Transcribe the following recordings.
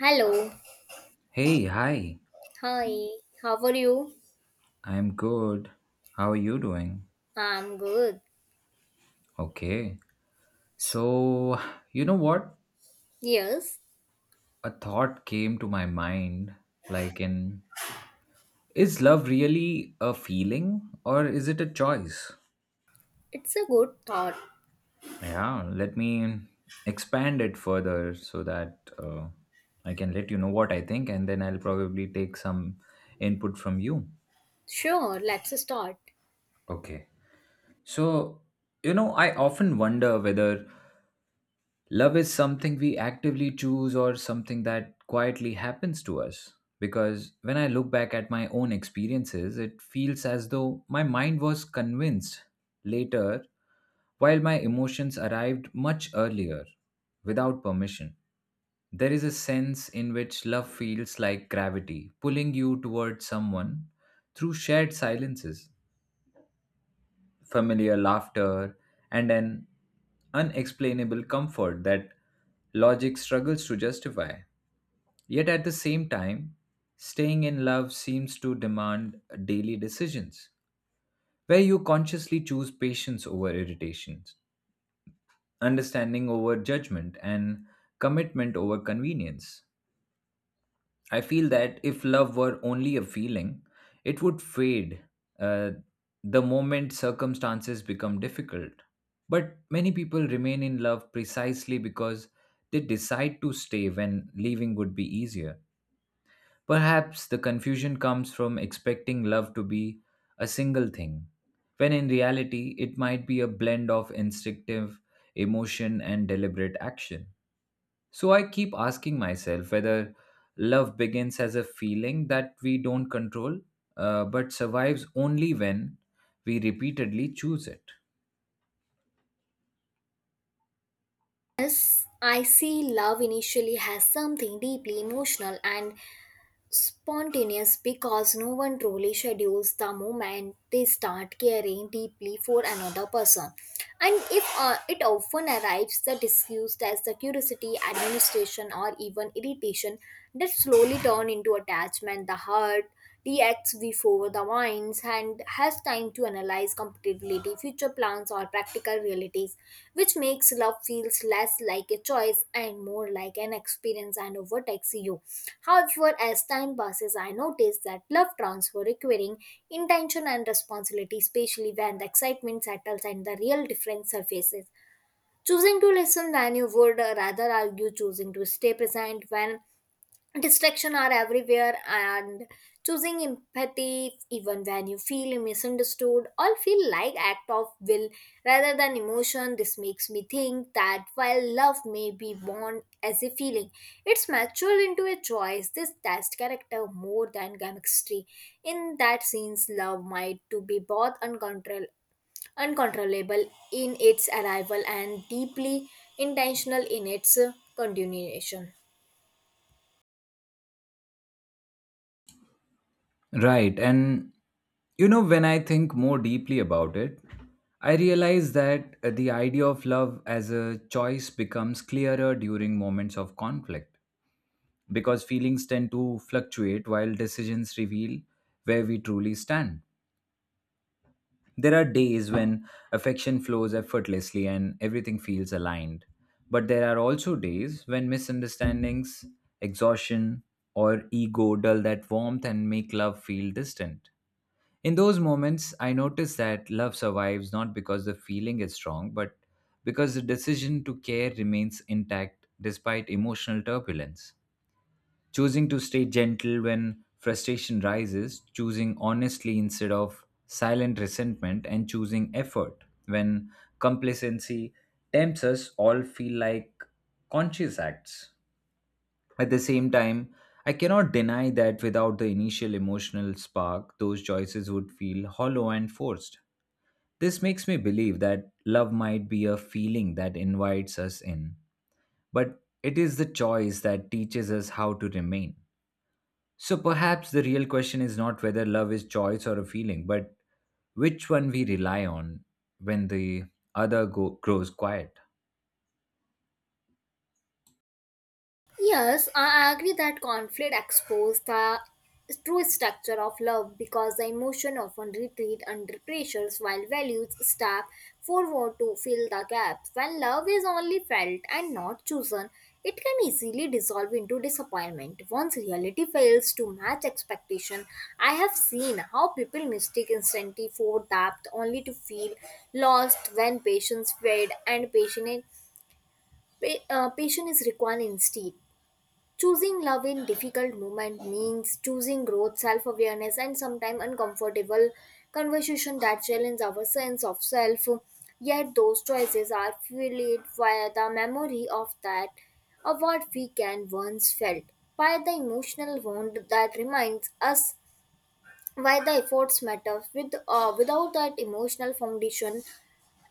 Hello. Hey, hi. Hi. How are you? I'm good. How are you doing? I'm good. Okay. So, you know what? Yes, A thought came to my mind like in is love really a feeling or is it a choice? it's a good thought. Yeah, let me expand it further so that I can let you know what I think and then I'll probably take some input from you. Sure, let's start. Okay. So, you know, I often wonder whether love is something we actively choose or something that quietly happens to us. Because when I look back at my own experiences, it feels as though my mind was convinced later, while my emotions arrived much earlier, without permission. There is a sense in which love feels like gravity, pulling you towards someone through shared silences, familiar laughter, and an unexplainable comfort that logic struggles to justify. Yet at the same time, staying in love seems to demand daily decisions, where you consciously choose patience over irritations, understanding over judgment, and commitment over convenience. I feel that if love were only a feeling, it would fade uh, the moment circumstances become difficult. But many people remain in love precisely because they decide to stay when leaving would be easier. Perhaps the confusion comes from expecting love to be a single thing, when in reality, it might be a blend of instinctive emotion and deliberate action. So I keep asking myself whether love begins as a feeling that we don't control, but survives only when we repeatedly choose it. Yes, I see love initially has something deeply emotional and spontaneous because no one truly schedules the moment they start caring deeply for another person. And if it often arrives the disguised as the curiosity, administration, or even irritation that slowly turn into attachment, the hurt reacts before the wines and has time to analyze compatibility, future plans, or practical realities, which makes love feels less like a choice and more like an experience and overtakes you. However, as time passes, I notice that love transfer requiring intention and responsibility, especially when the excitement settles and the real difference surfaces. Choosing to listen when you would rather argue, choosing to stay present when distraction are everywhere and choosing empathy even when you feel misunderstood or feel like act of will rather than emotion, this makes me think that while love may be born as a feeling, it's matured into a choice. This test character more than chemistry. In that sense, love might to be both uncontrollable in its arrival and deeply intentional in its continuation. Right. And, you know, when I think more deeply about it, I realize that the idea of love as a choice becomes clearer during moments of conflict because feelings tend to fluctuate while decisions reveal where we truly stand. There are days when affection flows effortlessly and everything feels aligned. But there are also days when misunderstandings, exhaustion, or ego dull that warmth and make love feel distant. In those moments, I notice that love survives not because the feeling is strong, but because the decision to care remains intact despite emotional turbulence, choosing to stay gentle when frustration rises, choosing honestly instead of silent resentment, and choosing effort when complacency tempts us, all feel like conscious acts. At the same time, I cannot deny that without the initial emotional spark, those choices would feel hollow and forced. This makes me believe that love might be a feeling that invites us in, but it is the choice that teaches us how to remain. So perhaps the real question is not whether love is choice or a feeling, but which one we rely on when the grows quiet. Yes, I agree that conflict exposes the true structure of love because the emotion often retreat under pressures while values step forward to fill the gaps. When love is only felt and not chosen, it can easily dissolve into disappointment. Once reality fails to match expectation, I have seen how people mistake instantly for depth only to feel lost when patience fade and patience is required instead. Choosing love in difficult moment means choosing growth, self-awareness, and sometimes uncomfortable conversation that challenge our sense of self. Yet those choices are fueled by the memory of that, of what we can once felt, by the emotional wound that reminds us why the efforts matter. Without that emotional foundation,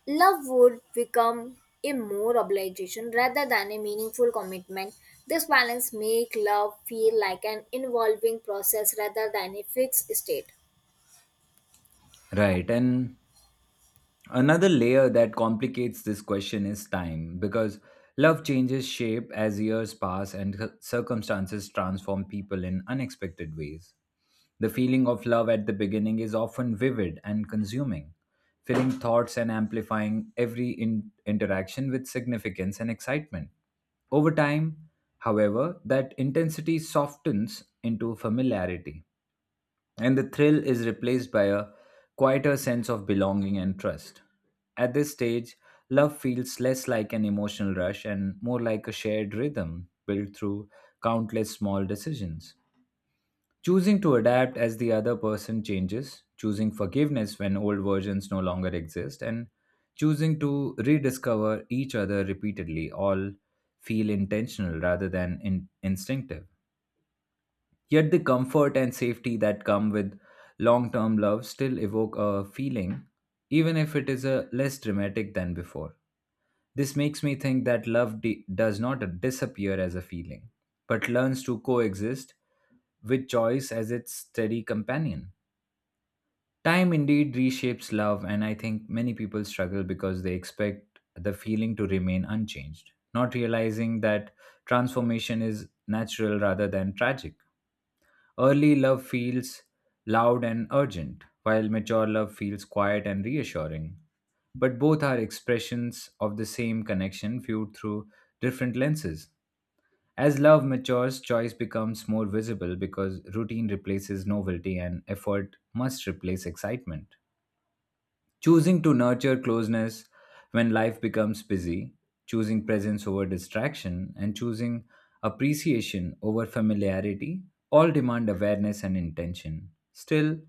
love would become a more obligation rather than a meaningful commitment. This balance makes love feel like an evolving process rather than a fixed state. Right. And another layer that complicates this question is time, because love changes shape as years pass and circumstances transform people in unexpected ways. The feeling of love at the beginning is often vivid and consuming, filling thoughts and amplifying every interaction with significance and excitement. Over time, however, that intensity softens into familiarity, and the thrill is replaced by a quieter sense of belonging and trust. At this stage, love feels less like an emotional rush and more like a shared rhythm built through countless small decisions. Choosing to adapt as the other person changes, choosing forgiveness when old versions no longer exist, and choosing to rediscover each other repeatedly all feel intentional rather than instinctive. Yet the comfort and safety that come with long term love still evoke a feeling, even if it is a less dramatic than before. This makes me think that love does not disappear as a feeling, but learns to coexist with choice as its steady companion. Time indeed reshapes love, and I think many people struggle because they expect the feeling to remain unchanged, not realizing that transformation is natural rather than tragic. Early love feels loud and urgent, while mature love feels quiet and reassuring. But both are expressions of the same connection viewed through different lenses. As love matures, choice becomes more visible because routine replaces novelty and effort must replace excitement, choosing to nurture closeness when life becomes busy, choosing presence over distraction, and choosing appreciation over familiarity all demand awareness and intention. Still,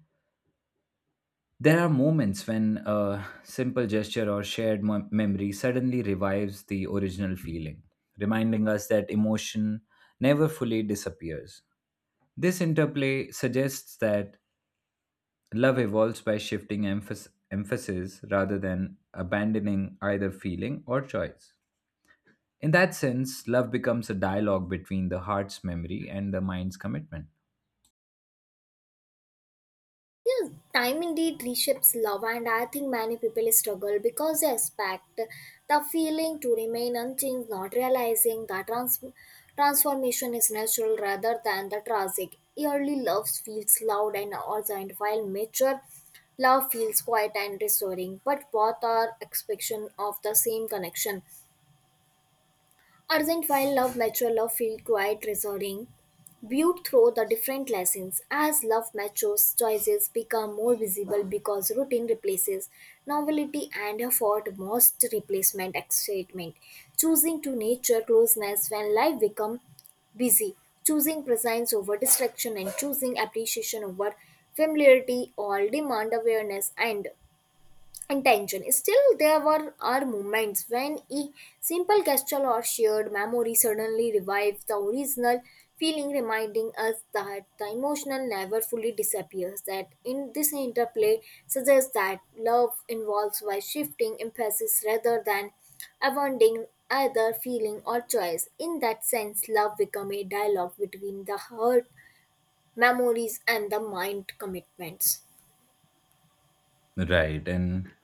there are moments when a simple gesture or shared memory suddenly revives the original feeling, reminding us that emotion never fully disappears. This interplay suggests that love evolves by shifting emphasis rather than abandoning either feeling or choice. In that sense, love becomes a dialogue between the heart's memory and the mind's commitment. Yes, time indeed reshapes love, and I think many people struggle because they expect the feeling to remain unchanged, not realizing that transformation is natural rather than the tragic. Early love feels loud and urgent, while mature love feels quiet and restoring, but both are expression of the same connection. Urgent while love natural love feel quite resounding, viewed through the different lessons. As love matures, choices become more visible because routine replaces novelty and effort most replacement excitement. Choosing to nature closeness when life become busy, choosing presence over distraction and choosing appreciation over familiarity all demand awareness and intention. Still, there were are moments when a simple gesture or shared memory suddenly revives the original feeling, reminding us that the emotional never fully disappears. That in this interplay suggests that love involves by shifting emphasis rather than abandoning either feeling or choice. In that sense, love becomes a dialogue between the heart memories and the mind commitments. Right. And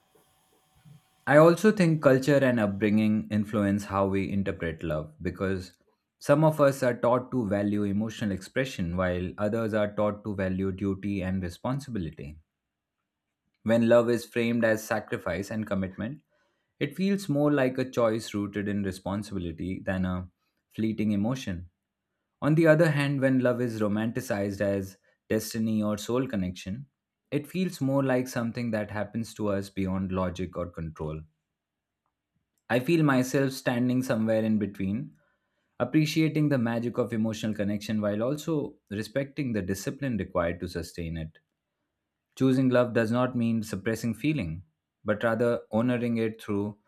I also think culture and upbringing influence how we interpret love because some of us are taught to value emotional expression while others are taught to value duty and responsibility. When love is framed as sacrifice and commitment, it feels more like a choice rooted in responsibility than a fleeting emotion. On the other hand, when love is romanticized as destiny or soul connection, it feels more like something that happens to us beyond logic or control. I feel myself standing somewhere in between, appreciating the magic of emotional connection while also respecting the discipline required to sustain it. Choosing love does not mean suppressing feeling, but rather honoring it through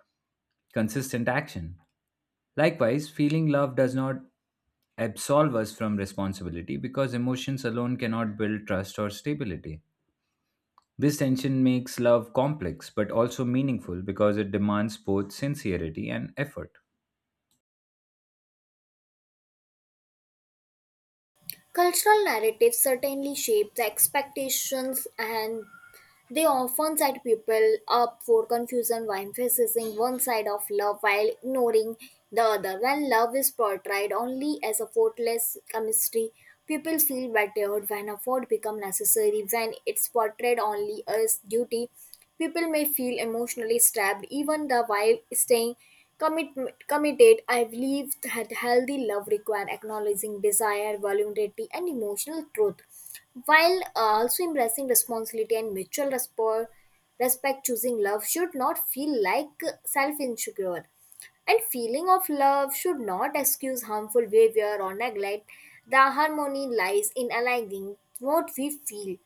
consistent action. Likewise, feeling love does not absolve us from responsibility because emotions alone cannot build trust or stability. This tension makes love complex but also meaningful because it demands both sincerity and effort. Cultural narratives certainly shape the expectations and they often set people up for confusion by emphasizing one side of love while ignoring the other. When love is portrayed only as a faultless chemistry, people feel battered when effort becomes necessary. When it's portrayed only as duty, people may feel emotionally stabbed even the while staying Commit, committed. I believe that healthy love requires acknowledging desire, vulnerability, and emotional truth, while also embracing responsibility and mutual respect. Choosing love should not feel like self insecure and feeling of love should not excuse harmful behavior or neglect. The harmony lies in aligning what we feel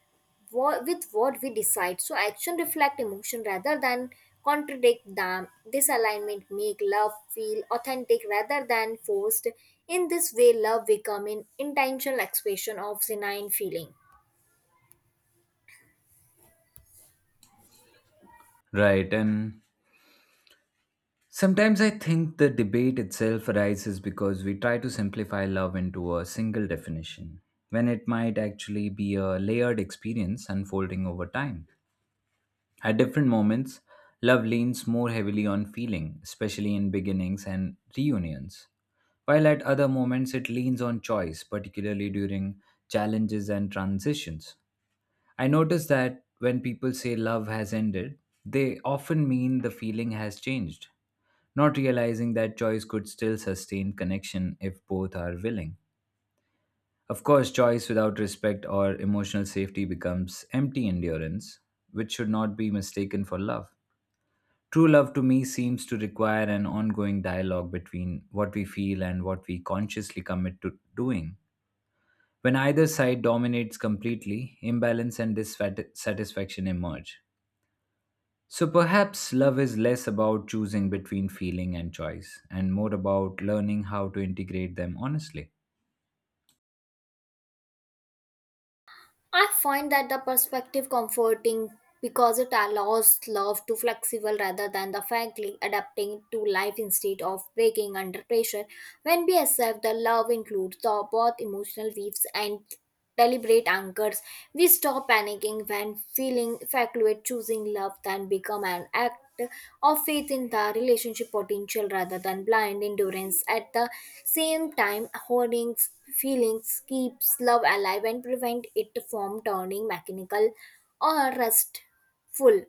with what we decide, so action reflect emotion rather than contradict them. This alignment make love feel authentic rather than forced. In this way, love become an intentional expression of genuine feeling. Right, and sometimes I think the debate itself arises because we try to simplify love into a single definition, when it might actually be a layered experience unfolding over time. At different moments, love leans more heavily on feeling, especially in beginnings and reunions, while at other moments it leans on choice, particularly during challenges and transitions. I notice that when people say love has ended, they often mean the feeling has changed, not realizing that choice could still sustain connection if both are willing. Of course, choice without respect or emotional safety becomes empty endurance, which should not be mistaken for love. True love to me seems to require an ongoing dialogue between what we feel and what we consciously commit to doing. When either side dominates completely, imbalance and dissatisfaction emerge. So perhaps love is less about choosing between feeling and choice and more about learning how to integrate them honestly. I find that the perspective comforting because it allows love to flexible rather than the frankly adapting to life instead of breaking under pressure. When we accept the love includes the both emotional weaves and deliberate anchors, we stop panicking when feeling fluctuate. Choosing love then become an act of faith in the relationship potential rather than blind endurance. At the same time, hoarding feelings keeps love alive and prevent it from turning mechanical or rustful.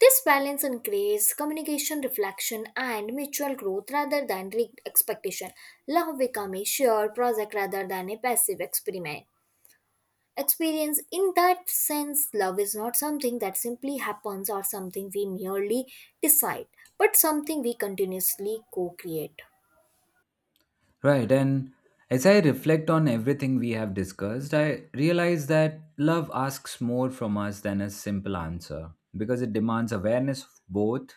This balance increases communication, reflection, and mutual growth rather than rigged expectation. Love becomes a shared project rather than a passive experiment experience. In that sense, love is not something that simply happens or something we merely decide, but something we continuously co create. Right, and as I reflect on everything we have discussed, I realize that love asks more from us than a simple answer because it demands awareness of both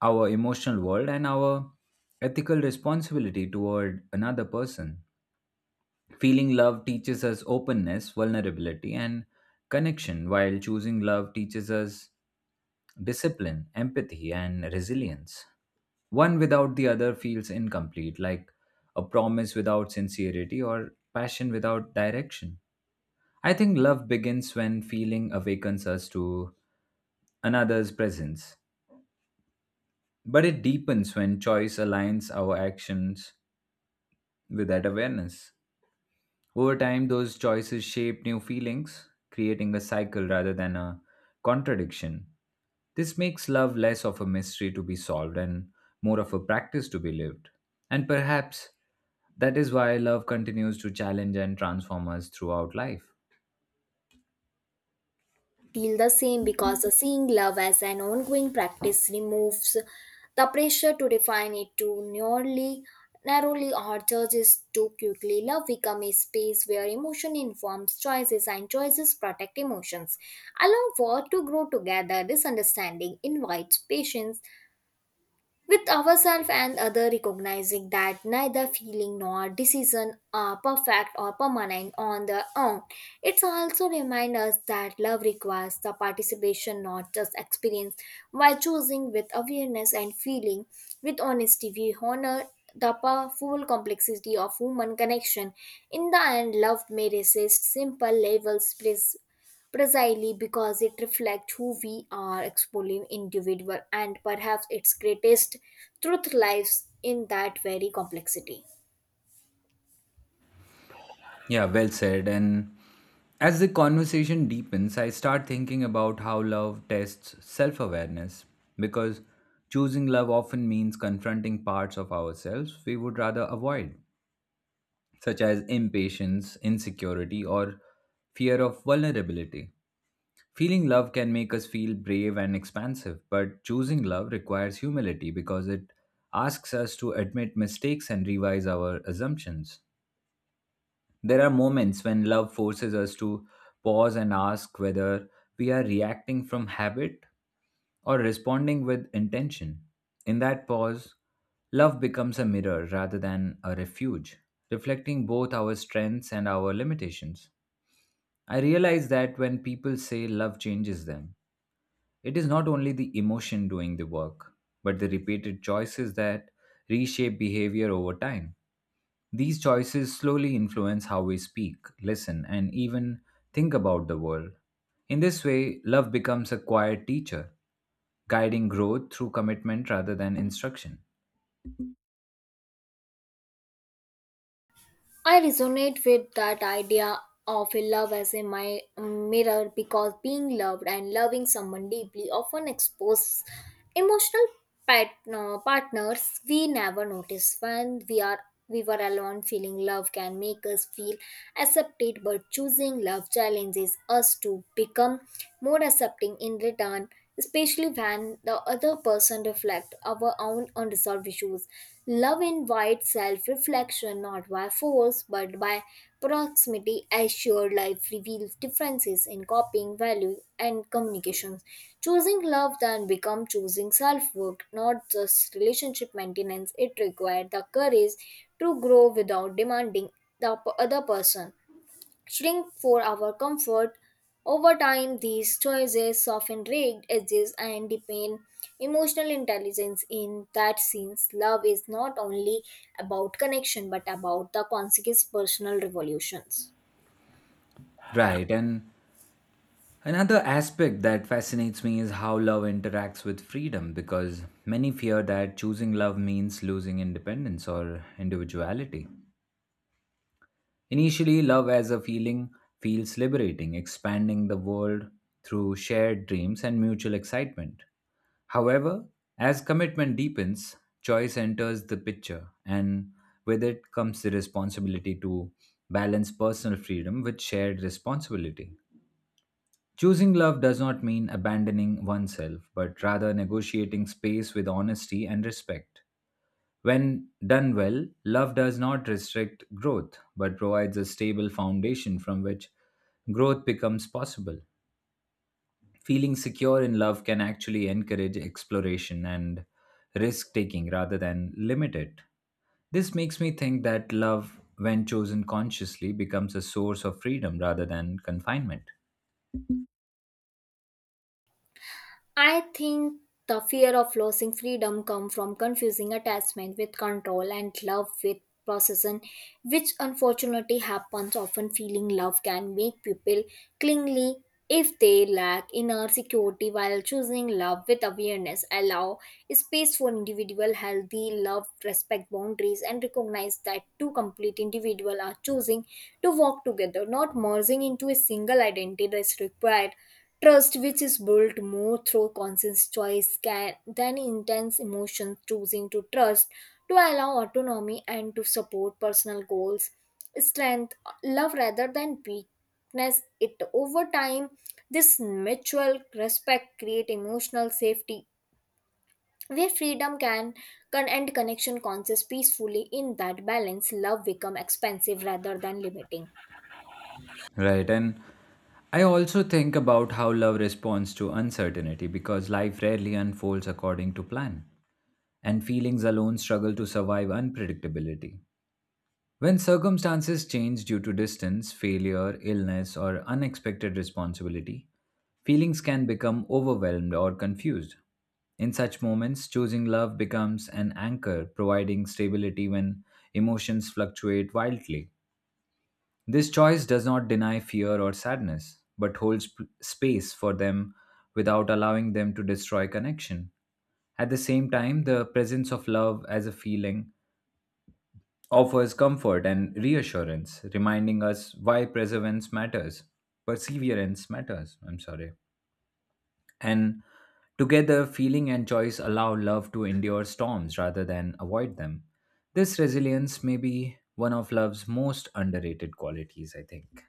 our emotional world and our ethical responsibility toward another person. Feeling love teaches us openness, vulnerability, and connection, while choosing love teaches us discipline, empathy, and resilience. One without the other feels incomplete, like a promise without sincerity or passion without direction. I think love begins when feeling awakens us to another's presence, but it deepens when choice aligns our actions with that awareness. Over time, those choices shape new feelings, creating a cycle rather than a contradiction. This makes love less of a mystery to be solved and more of a practice to be lived. And perhaps that is why love continues to challenge and transform us throughout life. Feel the same because the seeing love as an ongoing practice removes the pressure to define it too narrowly or judges too quickly. Love becomes a space where emotion informs choices and choices protect emotions. Allow for to grow together, this understanding invites patience with ourselves and other, recognizing that neither feeling nor decision are perfect or permanent on their own. It also reminds us that love requires the participation, not just experience. By choosing with awareness and feeling with honesty, we honor the powerful complexity of human connection. In the end, love may resist simple labels please precisely because it reflects who we are exploring individual, and perhaps its greatest truth lies in that very complexity. Yeah, well said. And as the conversation deepens, I start thinking about how love tests self awareness because choosing love often means confronting parts of ourselves we would rather avoid, such as impatience, insecurity, or fear of vulnerability. Feeling love can make us feel brave and expansive, but choosing love requires humility because it asks us to admit mistakes and revise our assumptions. There are moments when love forces us to pause and ask whether we are reacting from habit or responding with intention. In that pause, love becomes a mirror rather than a refuge, reflecting both our strengths and our limitations. I realize that when people say love changes them, it is not only the emotion doing the work, but the repeated choices that reshape behavior over time. These choices slowly influence how we speak, listen, and even think about the world. In this way, love becomes a quiet teacher, guiding growth through commitment rather than instruction. I resonate with that idea of a love as a mirror because being loved and loving someone deeply often exposes emotional partners we never notice when we were alone. Feeling love can make us feel accepted, but choosing love challenges us to become more accepting in return, especially when the other person reflects our own unresolved issues. Love invites self reflection, not by force but by proximity, as shared life reveals differences in copying, value, and communications. Choosing love then becomes choosing self work, not just relationship maintenance. It requires the courage to grow without demanding the other person shrink for our comfort. Over time, these choices soften rigged edges and deepen emotional intelligence. In that sense, love is not only about connection but about the consequence personal revolutions. Right, and another aspect that fascinates me is how love interacts with freedom because many fear that choosing love means losing independence or individuality. Initially, love as a feeling feels liberating, expanding the world through shared dreams and mutual excitement. However, as commitment deepens, choice enters the picture, and with it comes the responsibility to balance personal freedom with shared responsibility. Choosing love does not mean abandoning oneself, but rather negotiating space with honesty and respect. When done well, love does not restrict growth, but provides a stable foundation from which growth becomes possible. Feeling secure in love can actually encourage exploration and risk taking rather than limit it. This makes me think that love, when chosen consciously, becomes a source of freedom rather than confinement. I think the fear of losing freedom comes from confusing attachment with control and love with possession, which unfortunately happens often. Feeling love can make people clingy if they lack inner security, while choosing love with awareness allow space for individual healthy love, respect boundaries, and recognize that two complete individuals are choosing to walk together, not merging into a single identity. That is required trust, which is built more through conscious than intense emotion. Choosing to trust, to allow autonomy, and to support personal goals, strength, love rather than weakness. It over time, this mutual respect create emotional safety where freedom can and connection conscious peacefully. In that balance, love become expansive rather than limiting. Right, and I also think about how love responds to uncertainty because life rarely unfolds according to plan, and feelings alone struggle to survive unpredictability. When circumstances change due to distance, failure, illness, or unexpected responsibility, feelings can become overwhelmed or confused. In such moments, choosing love becomes an anchor, providing stability when emotions fluctuate wildly. This choice does not deny fear or sadness, but holds space for them without allowing them to destroy connection. At the same time, the presence of love as a feeling offers comfort and reassurance, reminding us why perseverance matters. I'm sorry. And together, feeling and choice allow love to endure storms rather than avoid them. This resilience may be one of love's most underrated qualities, I think.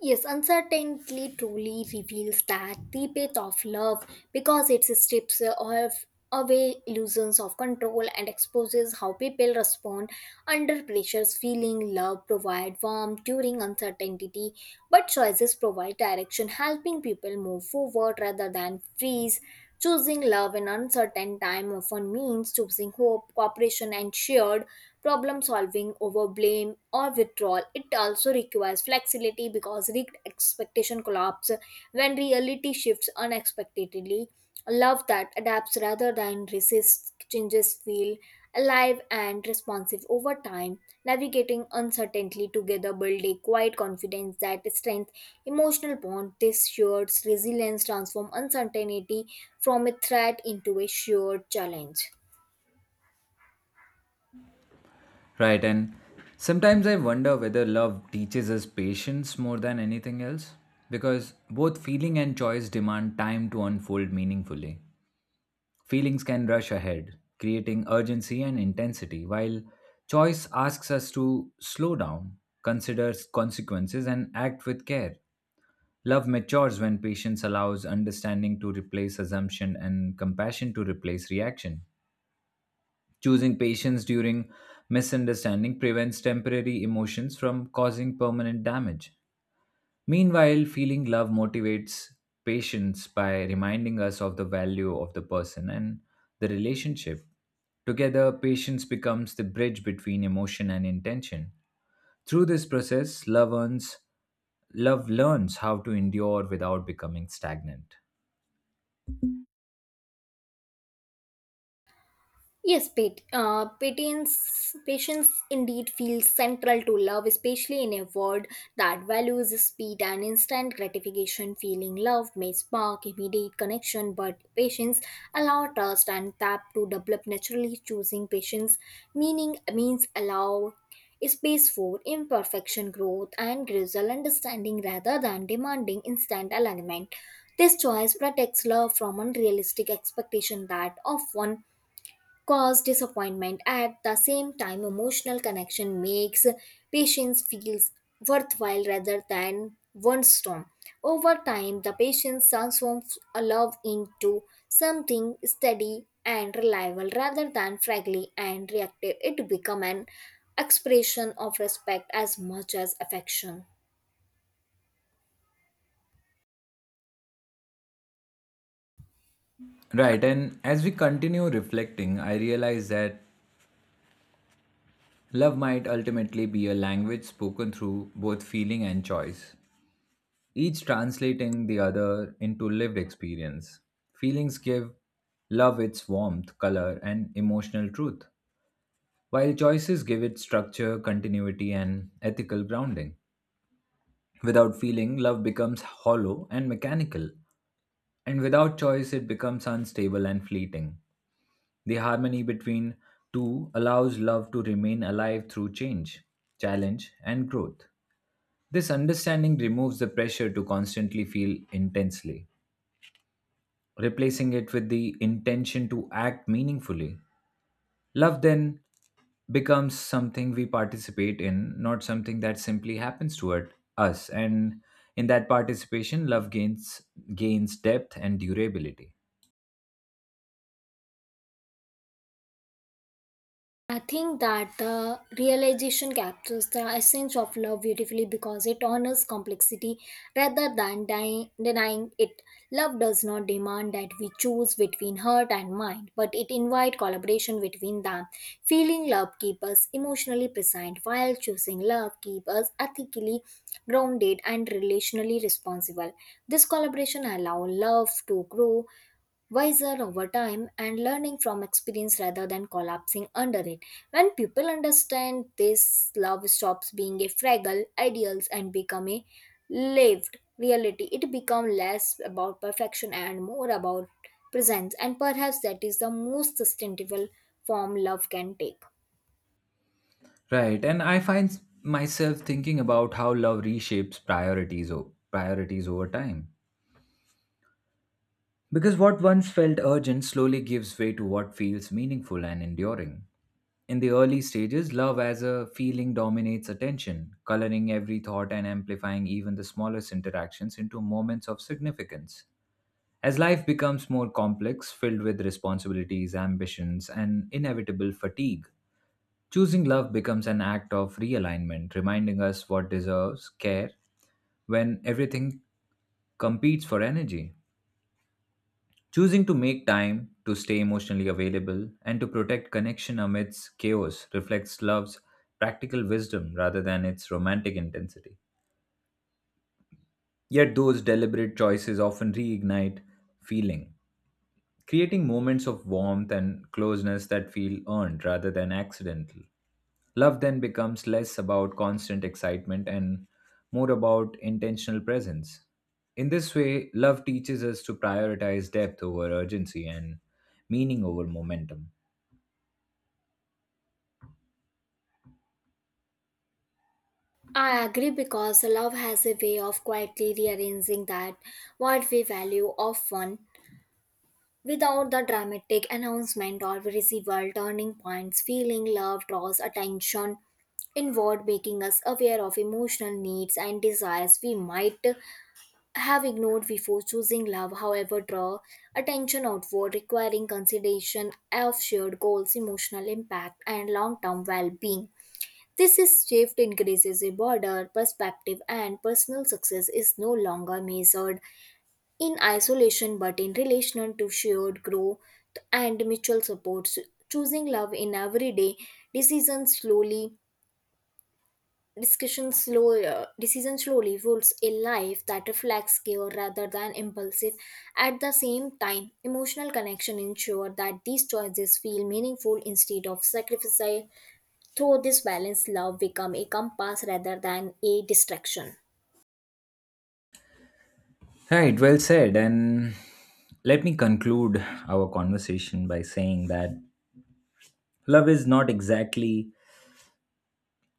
Yes, uncertainty truly reveals that the path of love because it strips of away illusions of control and exposes how people respond under pressures. Feeling love provide warmth during uncertainty, but choices provide direction, helping people move forward rather than freeze. Choosing love in uncertain time often means choosing hope, cooperation, and shared problem solving over blame or withdrawal. It also requires flexibility because rigged expectation collapse when reality shifts unexpectedly. Love that adapts rather than resists changes feel alive and responsive over time. Navigating uncertainty together build a quiet confidence that strength emotional bond. This shared resilience transform uncertainty from a threat into a shared challenge. Right, and sometimes I wonder whether love teaches us patience more than anything else, because both feeling and choice demand time to unfold meaningfully. Feelings can rush ahead, creating urgency and intensity, while choice asks us to slow down, consider consequences, and act with care. Love matures when patience allows understanding to replace assumption and compassion to replace reaction. Choosing patience during misunderstanding prevents temporary emotions from causing permanent damage. Meanwhile, feeling love motivates patience by reminding us of the value of the person and the relationship. Together, patience becomes the bridge between emotion and intention. Through this process, love learns how to endure without becoming stagnant. Yes, patience indeed feels central to love, especially in a world that values speed and instant gratification. Feeling love may spark immediate connection, but patience allows trust and tap to develop naturally. Choosing patience meaning means allow space for imperfection, growth, and gradual understanding rather than demanding instant alignment. This choice protects love from unrealistic expectation that often cause disappointment. At the same time, emotional connection makes patience feels worthwhile rather than one storm. Over time, the patience transforms a love into something steady and reliable rather than fragile and reactive. It becomes an expression of respect as much as affection. Right, and as we continue reflecting, I realize that love might ultimately be a language spoken through both feeling and choice, each translating the other into lived experience. Feelings give love its warmth, color, and emotional truth, while choices give it structure, continuity, and ethical grounding. Without feeling, love becomes hollow and mechanical, and without choice, it becomes unstable and fleeting. The harmony between two allows love to remain alive through change, challenge, and growth. This understanding removes the pressure to constantly feel intensely, replacing it with the intention to act meaningfully. Love then becomes something we participate in, not something that simply happens toward us. And in that participation, love gains gains depth and durability. I think that the realization captures the essence of love beautifully because it honors complexity rather than denying it. Love does not demand that we choose between heart and mind, but it invites collaboration between them. Feeling love keeps us emotionally present, while choosing love keeps us ethically grounded and relationally responsible. This collaboration allows love to grow wiser over time and learning from experience rather than collapsing under it. When people understand this, love stops being a fragile ideals and become a lived reality. It becomes less about perfection and more about presence, and perhaps that is the most sustainable form love can take. Right. And I find myself thinking about how love reshapes priorities over time, because what once felt urgent slowly gives way to what feels meaningful and enduring. In the early stages, love as a feeling dominates attention, coloring every thought and amplifying even the smallest interactions into moments of significance. As life becomes more complex, filled with responsibilities, ambitions, and inevitable fatigue, choosing love becomes an act of realignment, reminding us what deserves care when everything competes for energy. Choosing to make time to stay emotionally available and to protect connection amidst chaos reflects love's practical wisdom rather than its romantic intensity. Yet, those deliberate choices often reignite feeling, creating moments of warmth and closeness that feel earned rather than accidental. Love then becomes less about constant excitement and more about intentional presence. In this way, love teaches us to prioritize depth over urgency and meaning over momentum. I agree because love has a way of quietly rearranging that what we value often. Without the dramatic announcement or visible turning points, feeling love draws attention inward, making us aware of emotional needs and desires we might have ignored before choosing love. However, draw attention outward, requiring consideration of shared goals, emotional impact, and long term well being. This is shift increases a broader perspective, and personal success is no longer measured in isolation but in relation to shared growth and mutual supports. Choosing love in everyday decisions slowly discussion slow decision slowly rules a life that reflects care rather than impulsive. At the same time, emotional connection ensure that these choices feel meaningful instead of sacrificial. Through this balance, love become a compass rather than a distraction. Right, well said. And let me conclude our conversation by saying that love is not exactly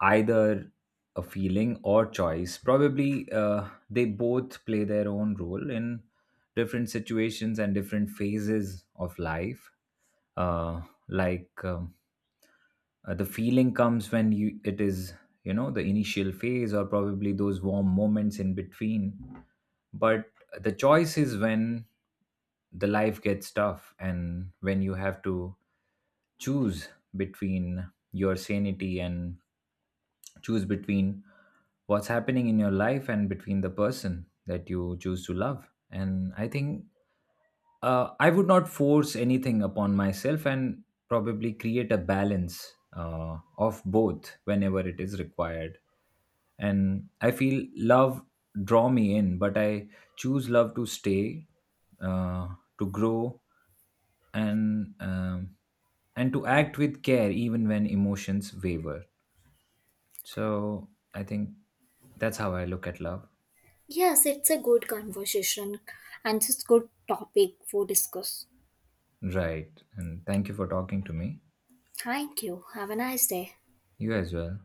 either a feeling or choice. Probably they both play their own role in different situations and different phases of life. Uh, like, um the feeling comes when you it is you know the initial phase or probably those warm moments in between, but the choice is when the life gets tough and when you have to choose between your sanity and choose between what's happening in your life and between the person that you choose to love. And I think I would not force anything upon myself and probably create a balance of both whenever it is required. And I feel love draw me in, but I choose love to stay, uh, to grow, and um, and to act with care even when emotions waver. So I think that's how I look at love. Yes, it's a good conversation, and it's a good topic for discuss. Right. And thank you for talking to me. Thank you. Have a nice day. You as well.